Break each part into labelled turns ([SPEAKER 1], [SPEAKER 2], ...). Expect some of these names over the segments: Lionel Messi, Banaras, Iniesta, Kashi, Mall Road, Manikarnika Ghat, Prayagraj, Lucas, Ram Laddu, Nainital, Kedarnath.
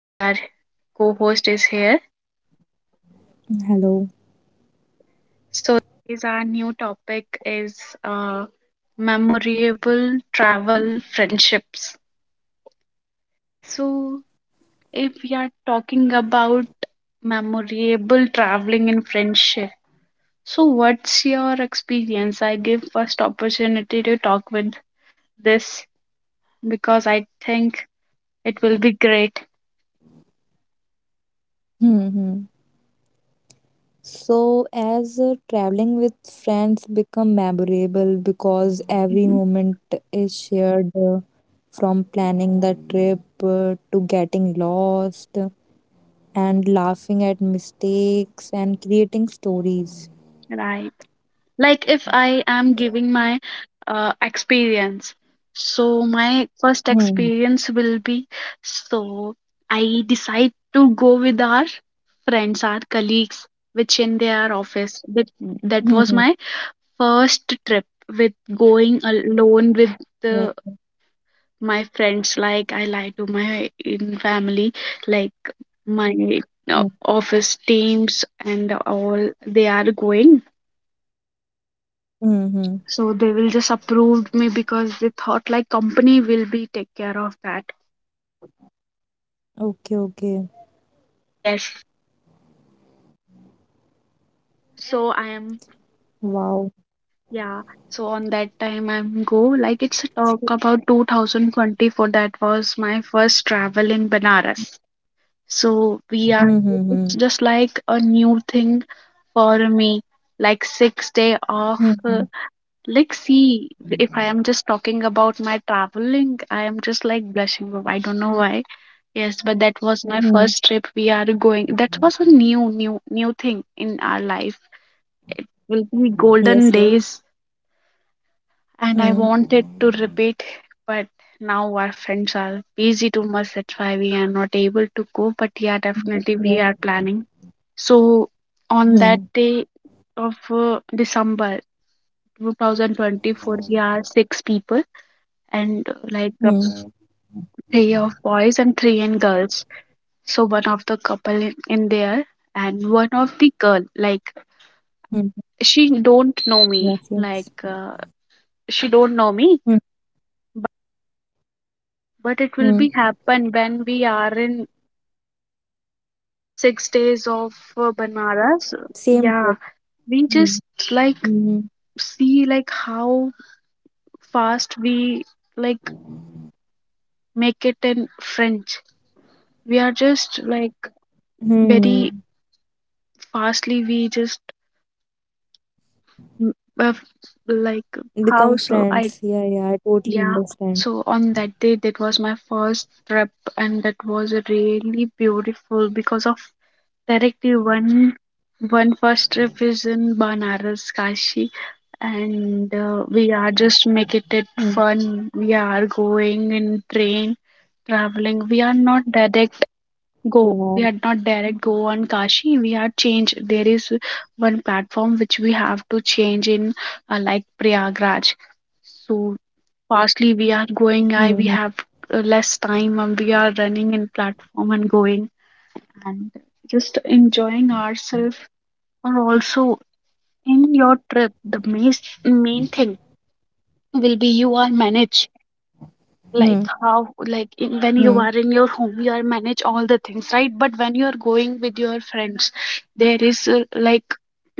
[SPEAKER 1] We are co-host is here.
[SPEAKER 2] Hello.
[SPEAKER 1] So is our new topic is uh, memorable travel friendships. So if we are talking about memorable traveling and friendship, so what's your experience? I give first opportunity to talk with this because I think it will be great.
[SPEAKER 2] Mm-hmm. So, as traveling with friends become memorable because every
[SPEAKER 1] Mhm.
[SPEAKER 2] moment is shared from planning the trip to getting lost and laughing at mistakes and creating stories.
[SPEAKER 1] Right. Like if I am giving my experience, so my first
[SPEAKER 2] Mm-hmm.
[SPEAKER 1] experience will be, so I decide to go with our friends, our colleagues, which in their office. that
[SPEAKER 2] Mm-hmm.
[SPEAKER 1] that was my first trip with going alone with
[SPEAKER 2] Yes.
[SPEAKER 1] the, my friends. Like I lie to my in family, like my office teams and all they are going,
[SPEAKER 2] Mm-hmm.
[SPEAKER 1] so they will just approve me because they thought like company will be take care of that.
[SPEAKER 2] Okay, okay.
[SPEAKER 1] Yes, so I am,
[SPEAKER 2] Wow.
[SPEAKER 1] yeah. So on that time I'm go, like it's a talk about 2024. That was my first travel in Banaras. So we are, it's just
[SPEAKER 2] Mm-hmm.
[SPEAKER 1] like a new thing for me, like 6 day off.
[SPEAKER 2] Mm-hmm.
[SPEAKER 1] Like, see, if I am just talking about my traveling, I am just like blushing. I don't know why. Yes, but that was my first trip. We are going. That was a new, new, new thing in our life. It will be golden days,
[SPEAKER 2] Yes, yes.
[SPEAKER 1] and I wanted to repeat, but now our friends are busy too much. That's why we are not able to go. But yeah, definitely we are planning. So on that day of
[SPEAKER 2] Mm-hmm.
[SPEAKER 1] December 2024, we are six people, and like three of
[SPEAKER 2] Hmm.
[SPEAKER 1] boys and three in girls. So one of the couple in there, and one of the girl, like
[SPEAKER 2] Hmm.
[SPEAKER 1] she don't know me,
[SPEAKER 2] Yes, yes.
[SPEAKER 1] she don't know me.
[SPEAKER 2] Hmm.
[SPEAKER 1] But it will
[SPEAKER 2] Hmm.
[SPEAKER 1] be happen when we are in 6 days of banaras. Yeah,
[SPEAKER 2] Same trip.
[SPEAKER 1] we just
[SPEAKER 2] Hmm.
[SPEAKER 1] like
[SPEAKER 2] Hmm.
[SPEAKER 1] see, like how fast we, like make it in french, we are just like very,
[SPEAKER 2] Hmm.
[SPEAKER 1] fastly we just Mm, uh, like how
[SPEAKER 2] Become
[SPEAKER 1] so I,
[SPEAKER 2] friends. Yeah, yeah. I totally
[SPEAKER 1] yeah.
[SPEAKER 2] understand.
[SPEAKER 1] So on that day, that was my first trip, and that was really beautiful because of directly one first trip is in banaras kashi. And we are just making it fun.
[SPEAKER 2] Hmm.
[SPEAKER 1] We are going in train traveling. We are not direct go, we had not direct
[SPEAKER 2] Wow.
[SPEAKER 1] go on kashi. We had changed, there is one platform which we have to change in like prayagraj. So fastly we are going, I we have
[SPEAKER 2] Hmm.
[SPEAKER 1] less time and we are running in platform and going and just enjoying ourselves. Or also in your trip, the main main thing will be you are manage, like
[SPEAKER 2] Hmm.
[SPEAKER 1] how,
[SPEAKER 2] Hmm.
[SPEAKER 1] like in, when you are in your home
[SPEAKER 2] Hmm.
[SPEAKER 1] you are manage all the things, right? But when you are going with your friends, there is like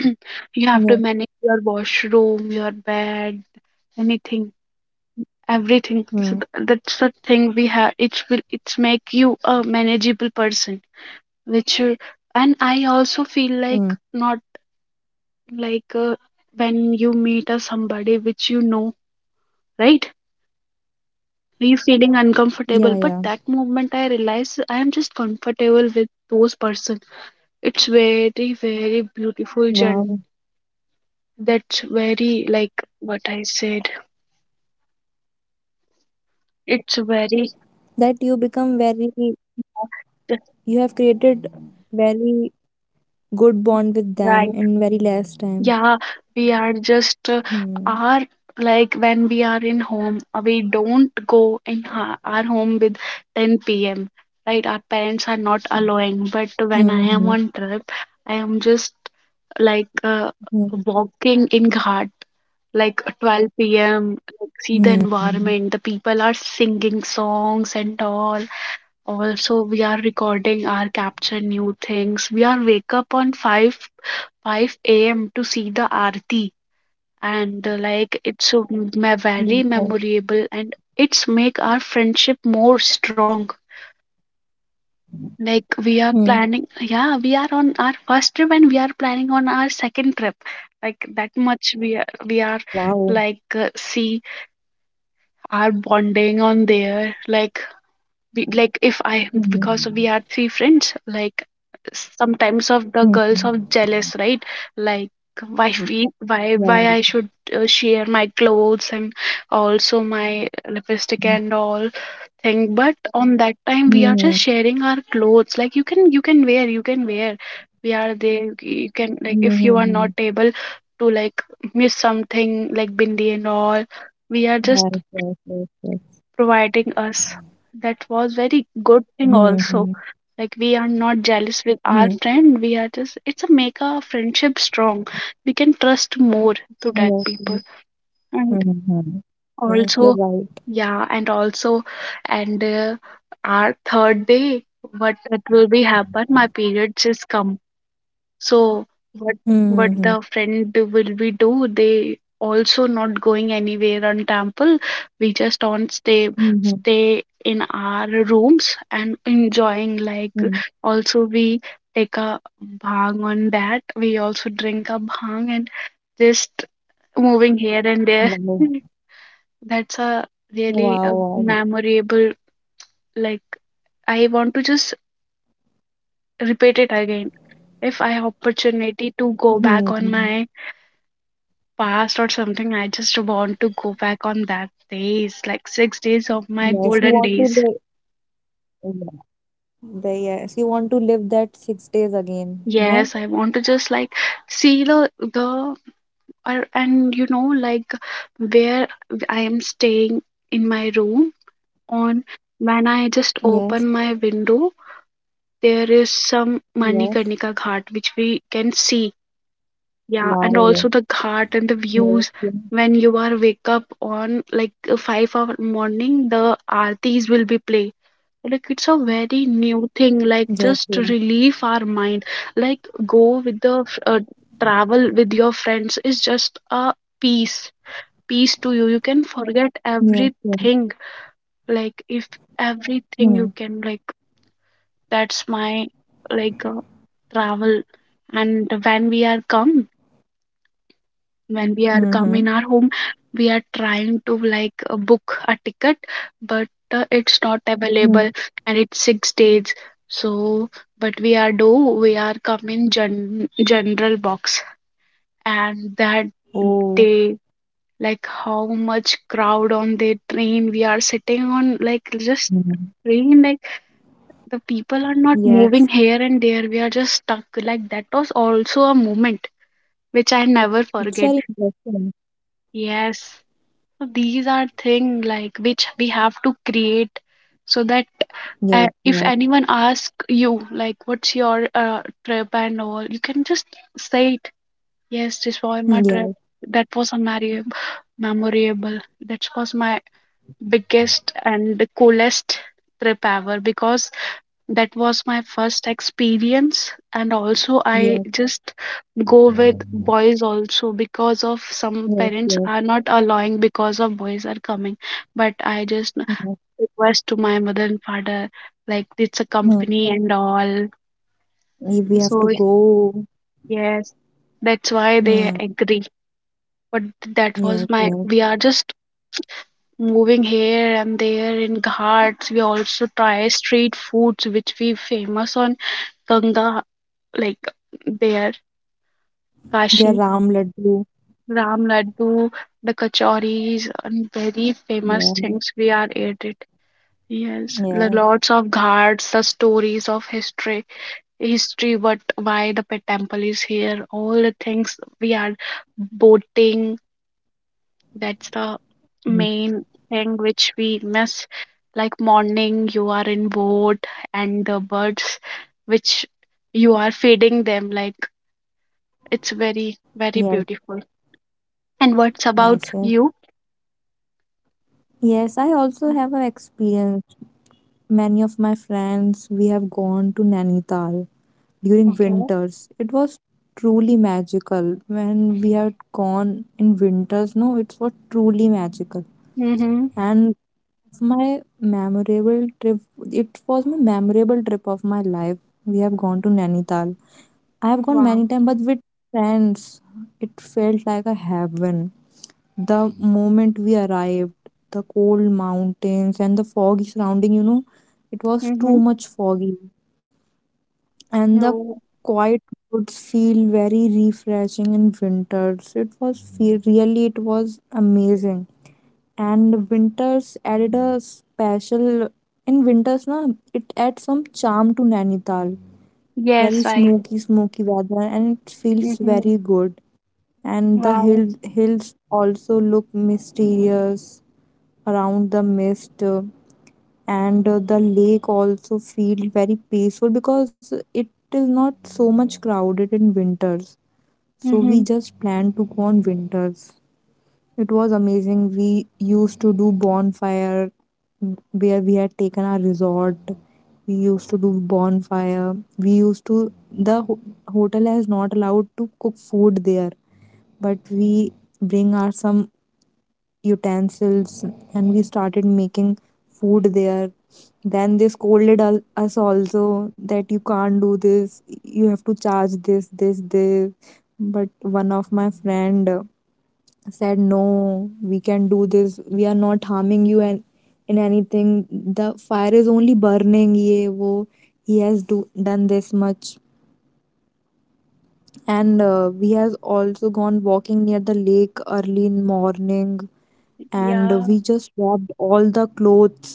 [SPEAKER 1] you have to manage your
[SPEAKER 2] Yeah.
[SPEAKER 1] washroom, your bed, anything, everything. So that's the
[SPEAKER 2] Mm.
[SPEAKER 1] thing we have, it's make you a manageable person which you- and I also feel like not,
[SPEAKER 2] Mm.
[SPEAKER 1] like when you meet a somebody which you know, right, me feeling uncomfortable, but
[SPEAKER 2] Yeah,
[SPEAKER 1] that
[SPEAKER 2] yeah.
[SPEAKER 1] moment I realized I am just comfortable with those person. It's very very beautiful journey.
[SPEAKER 2] Wow.
[SPEAKER 1] That's very, like what I said, it's very.
[SPEAKER 2] That you become very, you have created very good bond with them
[SPEAKER 1] Right.
[SPEAKER 2] in very less time.
[SPEAKER 1] Yeah, we are just
[SPEAKER 2] Hmm.
[SPEAKER 1] are, like when we are in home, we don't go in our home with 10 p.m. Right, our parents are not allowing. But when
[SPEAKER 2] Hmm.
[SPEAKER 1] I am on trip, I am just like
[SPEAKER 2] Hmm.
[SPEAKER 1] walking in Ghat, like 12 p.m. Like, see
[SPEAKER 2] Hmm.
[SPEAKER 1] the environment. The people are singing songs and all. Also, we are recording our capture new things. We are wake up on 5 5 a.m. to see the aarti, and like it's so
[SPEAKER 2] Hmm.
[SPEAKER 1] very
[SPEAKER 2] Wow.
[SPEAKER 1] memorable, and it's make our friendship more strong. Like we are
[SPEAKER 2] Hmm.
[SPEAKER 1] planning, yeah, we are on our first trip and we are planning on our second trip, like that much we are,
[SPEAKER 2] Wow.
[SPEAKER 1] like see our bonding on there. Like we, like if I, because we
[SPEAKER 2] Hmm.
[SPEAKER 1] are three friends, like sometimes of the
[SPEAKER 2] Hmm.
[SPEAKER 1] girls are jealous, right, like why we why
[SPEAKER 2] Wow.
[SPEAKER 1] I should share my clothes and also my lipstick and all thing. But on that time we are just
[SPEAKER 2] Mhm.
[SPEAKER 1] sharing our clothes, like you can wear, we are there, you can, like if you are not
[SPEAKER 2] Mhm.
[SPEAKER 1] able to, like miss something like bindi and all, we are just
[SPEAKER 2] Yes, yes, yes, yes.
[SPEAKER 1] providing us. That was very good thing also.
[SPEAKER 2] Mhm.
[SPEAKER 1] Like we are not jealous with our
[SPEAKER 2] Mhm.
[SPEAKER 1] friend. We are just it's a make our friendship strong. We can trust more to that
[SPEAKER 2] Yes,
[SPEAKER 1] people.
[SPEAKER 2] yes.
[SPEAKER 1] And
[SPEAKER 2] Mhm.
[SPEAKER 1] also,
[SPEAKER 2] Yes, you're right.
[SPEAKER 1] yeah, and also, and our third day, what that will be happen? My periods is come, so what what the
[SPEAKER 2] Mhm.
[SPEAKER 1] friend will we do? They also not going anywhere on temple. We just on stay,
[SPEAKER 2] Mhm.
[SPEAKER 1] in our rooms and enjoying, like
[SPEAKER 2] Mhm.
[SPEAKER 1] also we take a bhang on that. We also drink a bhang and just moving here and there.
[SPEAKER 2] Wow.
[SPEAKER 1] That's a really a
[SPEAKER 2] Wow. Wow.
[SPEAKER 1] memorable, like I want to just repeat it again. If I have opportunity to go back on
[SPEAKER 2] Mhm.
[SPEAKER 1] my past or something. I just want to go back on that days, like 6 days of my
[SPEAKER 2] Yes, you
[SPEAKER 1] golden
[SPEAKER 2] want to
[SPEAKER 1] days.
[SPEAKER 2] live. Yeah. The, yes, you want to live that 6 days again. No?
[SPEAKER 1] Yes, I want to just like see the and, you know, like where I am staying in my room on, when I just open
[SPEAKER 2] Yes.
[SPEAKER 1] my window, there is some
[SPEAKER 2] Yes.
[SPEAKER 1] Manikarnika Ghat which we can see. Yeah, and also
[SPEAKER 2] Wow.
[SPEAKER 1] the ghat and the views
[SPEAKER 2] Yes, yes.
[SPEAKER 1] when you are wake up on like 5-hour morning, the aartis will be played, like it's a very new thing, like
[SPEAKER 2] Yes, yes.
[SPEAKER 1] just relieve our mind. Like go with the travel with your friends is just a peace peace to you. You can forget
[SPEAKER 2] Yes, yes.
[SPEAKER 1] everything, like if everything you
[SPEAKER 2] Hmm.
[SPEAKER 1] can, like that's my, like travel. And when we are come, in
[SPEAKER 2] Mm-hmm.
[SPEAKER 1] our home, we are trying to like book a ticket, but it's not available,
[SPEAKER 2] Hmm.
[SPEAKER 1] and it's 6 days. So but we are do, we are come in general box, and that
[SPEAKER 2] Oh.
[SPEAKER 1] day, like how much crowd on the train we are sitting on, like just
[SPEAKER 2] Mhm.
[SPEAKER 1] train, like the people are not moving here
[SPEAKER 2] Yes.
[SPEAKER 1] and there, we are just stuck. Like that was also a moment which I never forget.
[SPEAKER 2] It's very interesting.
[SPEAKER 1] Yes. So these are things like which we have to create, so that if
[SPEAKER 2] Yes,
[SPEAKER 1] anyone
[SPEAKER 2] yeah,
[SPEAKER 1] asks you like what's your trip and all, you can just say it. Yes, this was my trip. That
[SPEAKER 2] yes,
[SPEAKER 1] was a memorable. memorable. That was my biggest and coolest trip ever, because that was my first experience, and also I just
[SPEAKER 2] yes,
[SPEAKER 1] go with
[SPEAKER 2] yes,
[SPEAKER 1] boys also because of some parents are not
[SPEAKER 2] yes,
[SPEAKER 1] allowing because of boys are coming. But I just
[SPEAKER 2] yes.
[SPEAKER 1] request to my mother and father, like it's a company and
[SPEAKER 2] Hmm.
[SPEAKER 1] all. So
[SPEAKER 2] If we have to go,
[SPEAKER 1] yes, that's why they agree.
[SPEAKER 2] hmm.
[SPEAKER 1] But that was my,
[SPEAKER 2] Yes,
[SPEAKER 1] we are
[SPEAKER 2] yes.
[SPEAKER 1] just moving here and there in ghats. We also try street foods which we famous on ganga, like there Kashi,
[SPEAKER 2] There Ram Laddu.
[SPEAKER 1] Ram Laddu, the kachoris, and very famous
[SPEAKER 2] Yeah,
[SPEAKER 1] things we are ate it. Yes, the lots
[SPEAKER 2] yes,
[SPEAKER 1] of ghats, the stories of history, what why the pet temple is here, all the things we are boating. That's the
[SPEAKER 2] mm,
[SPEAKER 1] main thing which we miss. Like morning, you are in boat, and the birds, which you are feeding them, like it's very very
[SPEAKER 2] yes,
[SPEAKER 1] beautiful. And what's
[SPEAKER 2] yes,
[SPEAKER 1] about
[SPEAKER 2] yes.
[SPEAKER 1] you?
[SPEAKER 2] Yes, I also have an experience. Many of my friends, we have gone to Nainital during
[SPEAKER 1] Okay.
[SPEAKER 2] winters. It was truly magical when we had gone in winters. No, it was truly magical.
[SPEAKER 1] Mm-hmm.
[SPEAKER 2] And my memorable trip. It was my memorable trip of my life. We have gone to Nainital. I have gone
[SPEAKER 1] Wow.
[SPEAKER 2] many times, but with friends, it felt like a heaven. The moment we arrived, the cold mountains and the foggy surrounding, it was
[SPEAKER 1] Mm-hmm.
[SPEAKER 2] too much foggy. And the
[SPEAKER 1] Oh,
[SPEAKER 2] quiet would feel very refreshing in winters. It was feel, really, it was amazing and winters added a special in winters na it adds some charm to Nainital,
[SPEAKER 1] yes,
[SPEAKER 2] very
[SPEAKER 1] right.
[SPEAKER 2] smoky smoky weather and it feels
[SPEAKER 1] Mm-hmm.
[SPEAKER 2] very good, and the
[SPEAKER 1] Wow.
[SPEAKER 2] hill, hills also look mysterious around the mist, and the lake also feels very peaceful because it is not so much crowded in winters, so we
[SPEAKER 1] Mm-hmm.
[SPEAKER 2] just plan to go on winters. It was amazing. We used to do bonfire, where we had taken our resort. We used to do bonfire. We used to the ho- Hotel has not allowed to cook food there, but we bring our some utensils and we started making food there. Then they scolded us also that you can't do this. You have to charge this, this, this. But one of my friend said no we can do this, we are not harming you and in anything, the fire is only burning ye wo, he has do done this much. And
[SPEAKER 1] Oh,
[SPEAKER 2] we has also gone walking near the lake early in morning, and
[SPEAKER 1] yeah.
[SPEAKER 2] we just wrapped all the clothes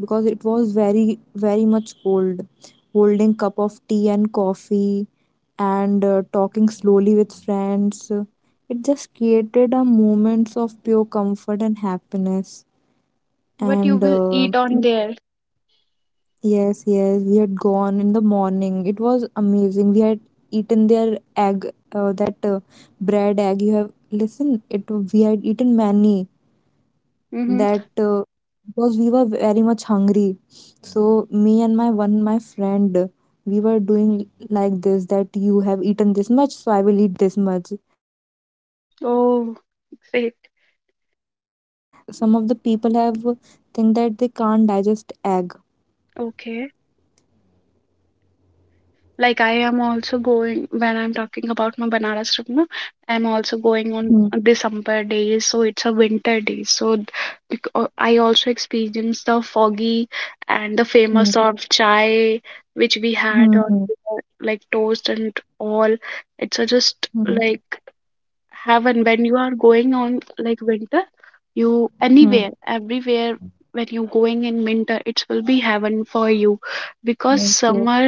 [SPEAKER 2] because it was very very much cold, holding cup of tea and coffee and talking slowly with friends. It just created a moments of pure comfort and happiness.
[SPEAKER 1] What you
[SPEAKER 2] And
[SPEAKER 1] will eat on there?
[SPEAKER 2] yes, yes, we had gone in the morning. It was amazing. We had eaten their egg, that bread egg. You have listen. It we had eaten many,
[SPEAKER 1] Mm-hmm.
[SPEAKER 2] that because we were very much hungry. So me and my one my friend, we were doing like this that you have eaten this much so I will eat this much. Then after that he started
[SPEAKER 1] Oh,
[SPEAKER 2] vomiting
[SPEAKER 1] great.
[SPEAKER 2] because some of the people have think that they can't digest egg.
[SPEAKER 1] Okay. Like I am also going when I'm talking about my Banaras trip, no, I'm also going
[SPEAKER 2] Hmm,
[SPEAKER 1] on December days, so it's a winter day. So I also experienced the foggy and the famous
[SPEAKER 2] hmm,
[SPEAKER 1] of chai which we had
[SPEAKER 2] hmm,
[SPEAKER 1] on
[SPEAKER 2] hmm,
[SPEAKER 1] the, like toast and all. It's a just
[SPEAKER 2] hmm,
[SPEAKER 1] like have, and when you are going on like winter, you anywhere,
[SPEAKER 2] hmm.
[SPEAKER 1] everywhere, when you going in winter it will be heaven for you. Because
[SPEAKER 2] Yes, yes,
[SPEAKER 1] summer,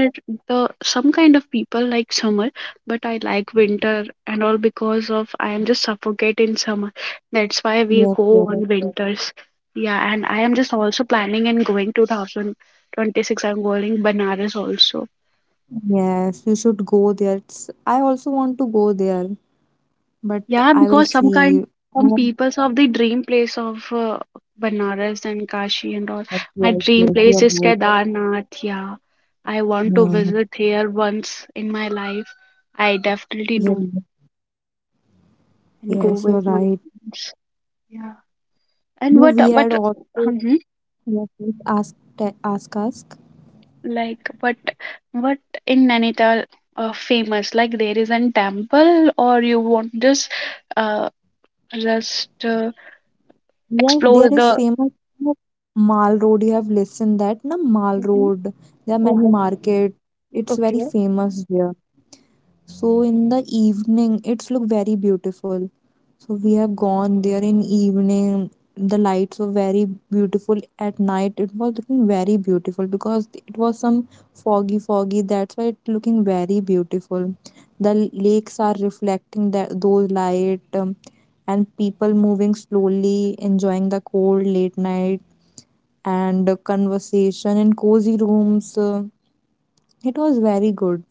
[SPEAKER 1] the some kind of people like summer, but I like winter and all, because of I am just suffocate in summer. That's why we
[SPEAKER 2] yes,
[SPEAKER 1] go
[SPEAKER 2] yes.
[SPEAKER 1] on winters. Yeah, and I am just also planning and going 2026, I'm going banaras also.
[SPEAKER 2] Yes, you should go there. It's, I also want to go there, but
[SPEAKER 1] Yeah,
[SPEAKER 2] I will
[SPEAKER 1] because
[SPEAKER 2] see.
[SPEAKER 1] some
[SPEAKER 2] Oh,
[SPEAKER 1] peoples of the dream place of Banaras and Kashi and all.
[SPEAKER 2] yes,
[SPEAKER 1] My
[SPEAKER 2] yes,
[SPEAKER 1] dream
[SPEAKER 2] yes,
[SPEAKER 1] place
[SPEAKER 2] you're
[SPEAKER 1] is
[SPEAKER 2] right.
[SPEAKER 1] Kedarnath. Yeah, I want to
[SPEAKER 2] Mhm.
[SPEAKER 1] visit here once in my life. I definitely
[SPEAKER 2] Yeah.
[SPEAKER 1] do and go
[SPEAKER 2] Yes, you're
[SPEAKER 1] with my
[SPEAKER 2] right.
[SPEAKER 1] friends. Yeah. And
[SPEAKER 2] No,
[SPEAKER 1] what
[SPEAKER 2] we
[SPEAKER 1] what
[SPEAKER 2] had also
[SPEAKER 1] hmm
[SPEAKER 2] what is ask Ta- ask ask.
[SPEAKER 1] like what what in Nainital famous, like there is an temple, or you want just uh just uh,
[SPEAKER 2] Yes, there
[SPEAKER 1] explore
[SPEAKER 2] is
[SPEAKER 1] the.
[SPEAKER 2] famous, you know, Mall Road. You have listened that na Mall
[SPEAKER 1] Mhm.
[SPEAKER 2] Road. There are
[SPEAKER 1] Oh,
[SPEAKER 2] many market. It's very
[SPEAKER 1] okay.
[SPEAKER 2] famous there. So in the evening, it's look very beautiful. So we have gone there in evening. The lights were very beautiful at night. It was looking very beautiful because it was some foggy, foggy. That's why it looking very beautiful. The lakes are reflecting that those light, and people moving slowly, enjoying the cold late night and conversation in cozy rooms. It was very good.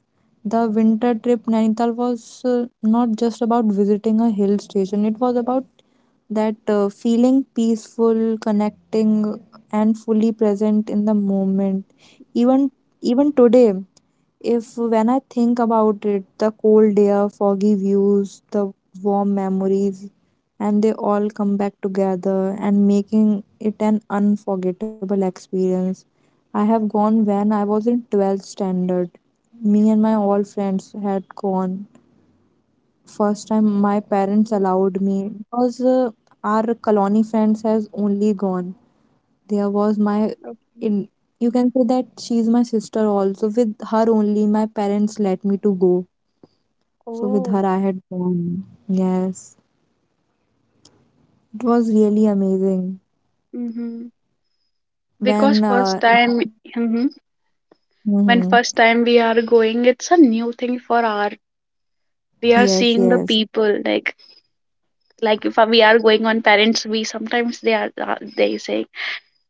[SPEAKER 2] The winter trip Nainital was not just about visiting a hill station, it was about that feeling peaceful, connecting, and fully present in the moment. Even even today, if when I think about it, the cold air, foggy views, the warm memories, and they all come back together and making it an unforgettable experience. I have gone when I was in 12th standard. Me and my all friends had gone. First time my parents allowed me because our colony friends has only gone, there was my
[SPEAKER 1] Okay.
[SPEAKER 2] in, you can say that she's my sister, also with her only my parents let me to go. So with
[SPEAKER 1] Oh.
[SPEAKER 2] her I had gone. Yes, it was really amazing.
[SPEAKER 1] Mm-hmm. Because
[SPEAKER 2] When
[SPEAKER 1] first time, mm-hmm, when
[SPEAKER 2] hmm,
[SPEAKER 1] first time we are going, it's a new thing for our. We are
[SPEAKER 2] yes
[SPEAKER 1] seeing the
[SPEAKER 2] yes,
[SPEAKER 1] people, like if we are going on parents, we sometimes they are they say,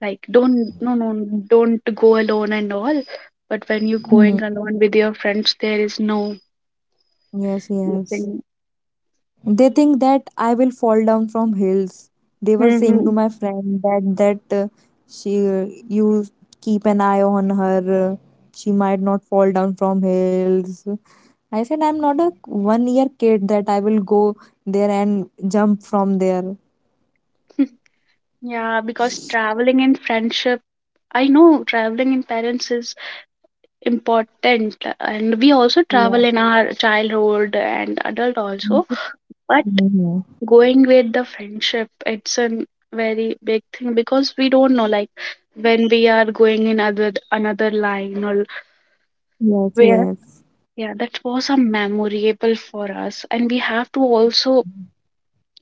[SPEAKER 1] like don't, no, no, don't go alone and all. But when you're going
[SPEAKER 2] hmm,
[SPEAKER 1] alone with your friends, there is no
[SPEAKER 2] yes yes,
[SPEAKER 1] nothing.
[SPEAKER 2] they think that I will fall down from hills. They were saying to
[SPEAKER 1] Mm-hmm.
[SPEAKER 2] my friend that she, you keep an eye on her, she might not fall down from hills. I said, I'm not a 1 year kid that I will go there and jump from there.
[SPEAKER 1] Yeah, because traveling in friendship, I know traveling in parents is important, and we also
[SPEAKER 2] Yeah.
[SPEAKER 1] travel in our childhood and adult also. But
[SPEAKER 2] Mhm.
[SPEAKER 1] going with the friendship, it's a very big thing, because we don't know like when we are going in other another line or
[SPEAKER 2] Yes,
[SPEAKER 1] where.
[SPEAKER 2] yes.
[SPEAKER 1] Yeah, that was a memorable for us, and we have to also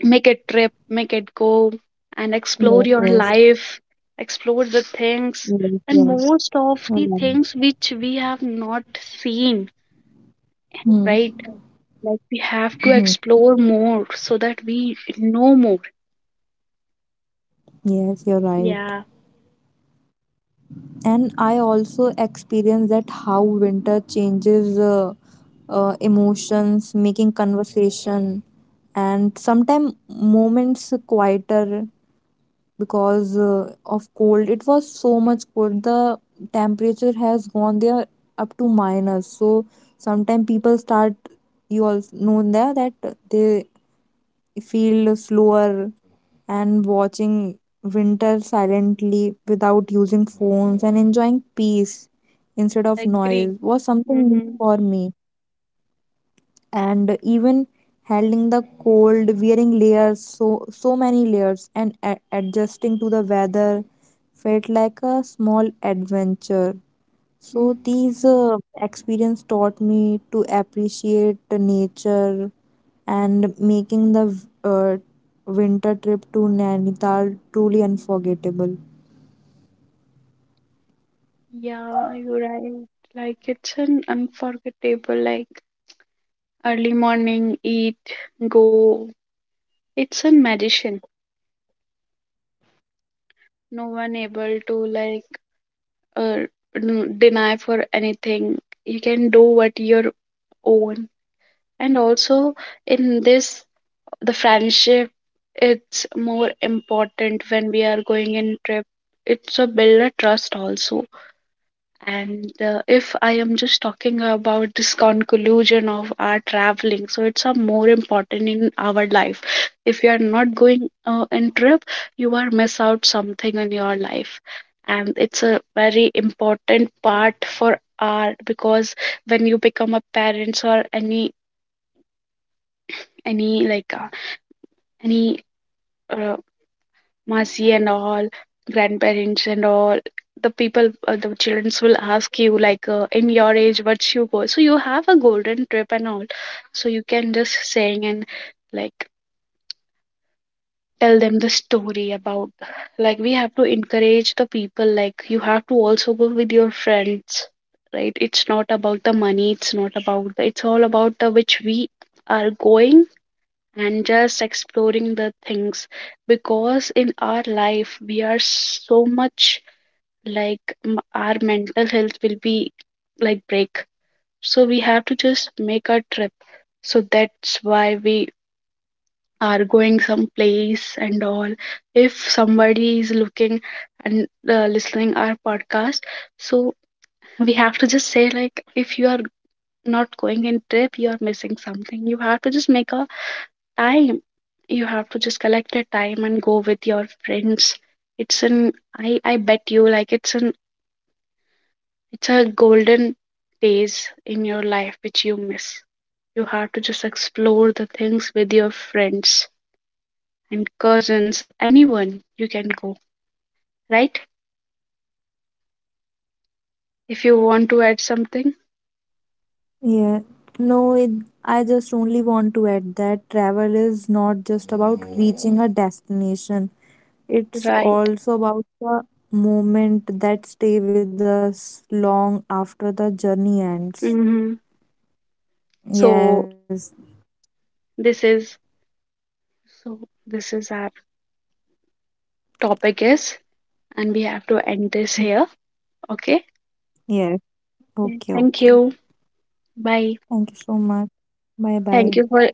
[SPEAKER 1] make a trip, make it go, and
[SPEAKER 2] Yes,
[SPEAKER 1] explore your
[SPEAKER 2] yes.
[SPEAKER 1] life, explore the things,
[SPEAKER 2] Yes,
[SPEAKER 1] and
[SPEAKER 2] yes.
[SPEAKER 1] most of the
[SPEAKER 2] Hmm.
[SPEAKER 1] things which we have not seen, right?
[SPEAKER 2] Hmm.
[SPEAKER 1] Like we have to
[SPEAKER 2] Hmm.
[SPEAKER 1] explore more, so that we know more.
[SPEAKER 2] Yes, you're right.
[SPEAKER 1] Yeah.
[SPEAKER 2] And I also experienced that how winter changes emotions, making conversation, and sometimes moments quieter because of cold. It was so much cold. The temperature has gone there up to minus. So sometimes people start, you all know there that they feel slower, and watching winter silently without using phones and enjoying peace instead of
[SPEAKER 1] Agree.
[SPEAKER 2] noise was something new
[SPEAKER 1] Mm-hmm.
[SPEAKER 2] for me. And even handling the cold, wearing layers, so so many layers, and adjusting to the weather felt like a small adventure. So these experience taught me to appreciate the nature and making the uh, winter trip to Nainital truly unforgettable.
[SPEAKER 1] Yeah, you're right. Like it's an unforgettable, like early morning, eat, go. It's a magician. No one able to like uh, deny for anything. You can do what your own. And also in this, the friendship, it's more important when we are going in trip, it's a build a trust also. And if I am just talking about this conclusion of our traveling, so it's a more important in our life. If you are not going in trip, you are miss out something in your life. And it's a very important part for our, because when you become a parents, or any like uh, any uh, Masi and all, grandparents and all, the children will ask you, like, in your age, what's your goal? So you have a golden trip and all. So you can just sing and, like, tell them the story about, like, we have to encourage the people, like, you have to also go with your friends, right? It's not about the money, it's not about the, it's all about the which we are going, and just exploring the things, because in our life we are so much, like our mental health will be like break. So we have to just make a trip. So that's why we are going some place and all, if somebody is looking and listening our podcast. So we have to just say, like if you are not going in trip, you are missing something. You have to just make a time, you have to just collect a time, and go with your friends. It's an I bet you, like it's a golden days in your life which you miss. You have to just explore the things with your friends and cousins, anyone, you can go, right? If you want to add something,
[SPEAKER 2] Yeah, no, it, I just only want to add that travel is not just about reaching a destination. It's
[SPEAKER 1] right.
[SPEAKER 2] also about the moment that stay with us long after the journey ends.
[SPEAKER 1] Mm-hmm.
[SPEAKER 2] Yes,
[SPEAKER 1] so this is so this is our topic is, and we have to end this here. Okay.
[SPEAKER 2] yes. Okay,
[SPEAKER 1] Okay,
[SPEAKER 2] okay.
[SPEAKER 1] thank you, bye.
[SPEAKER 2] Thank you so much. Bye bye.
[SPEAKER 1] Thank you for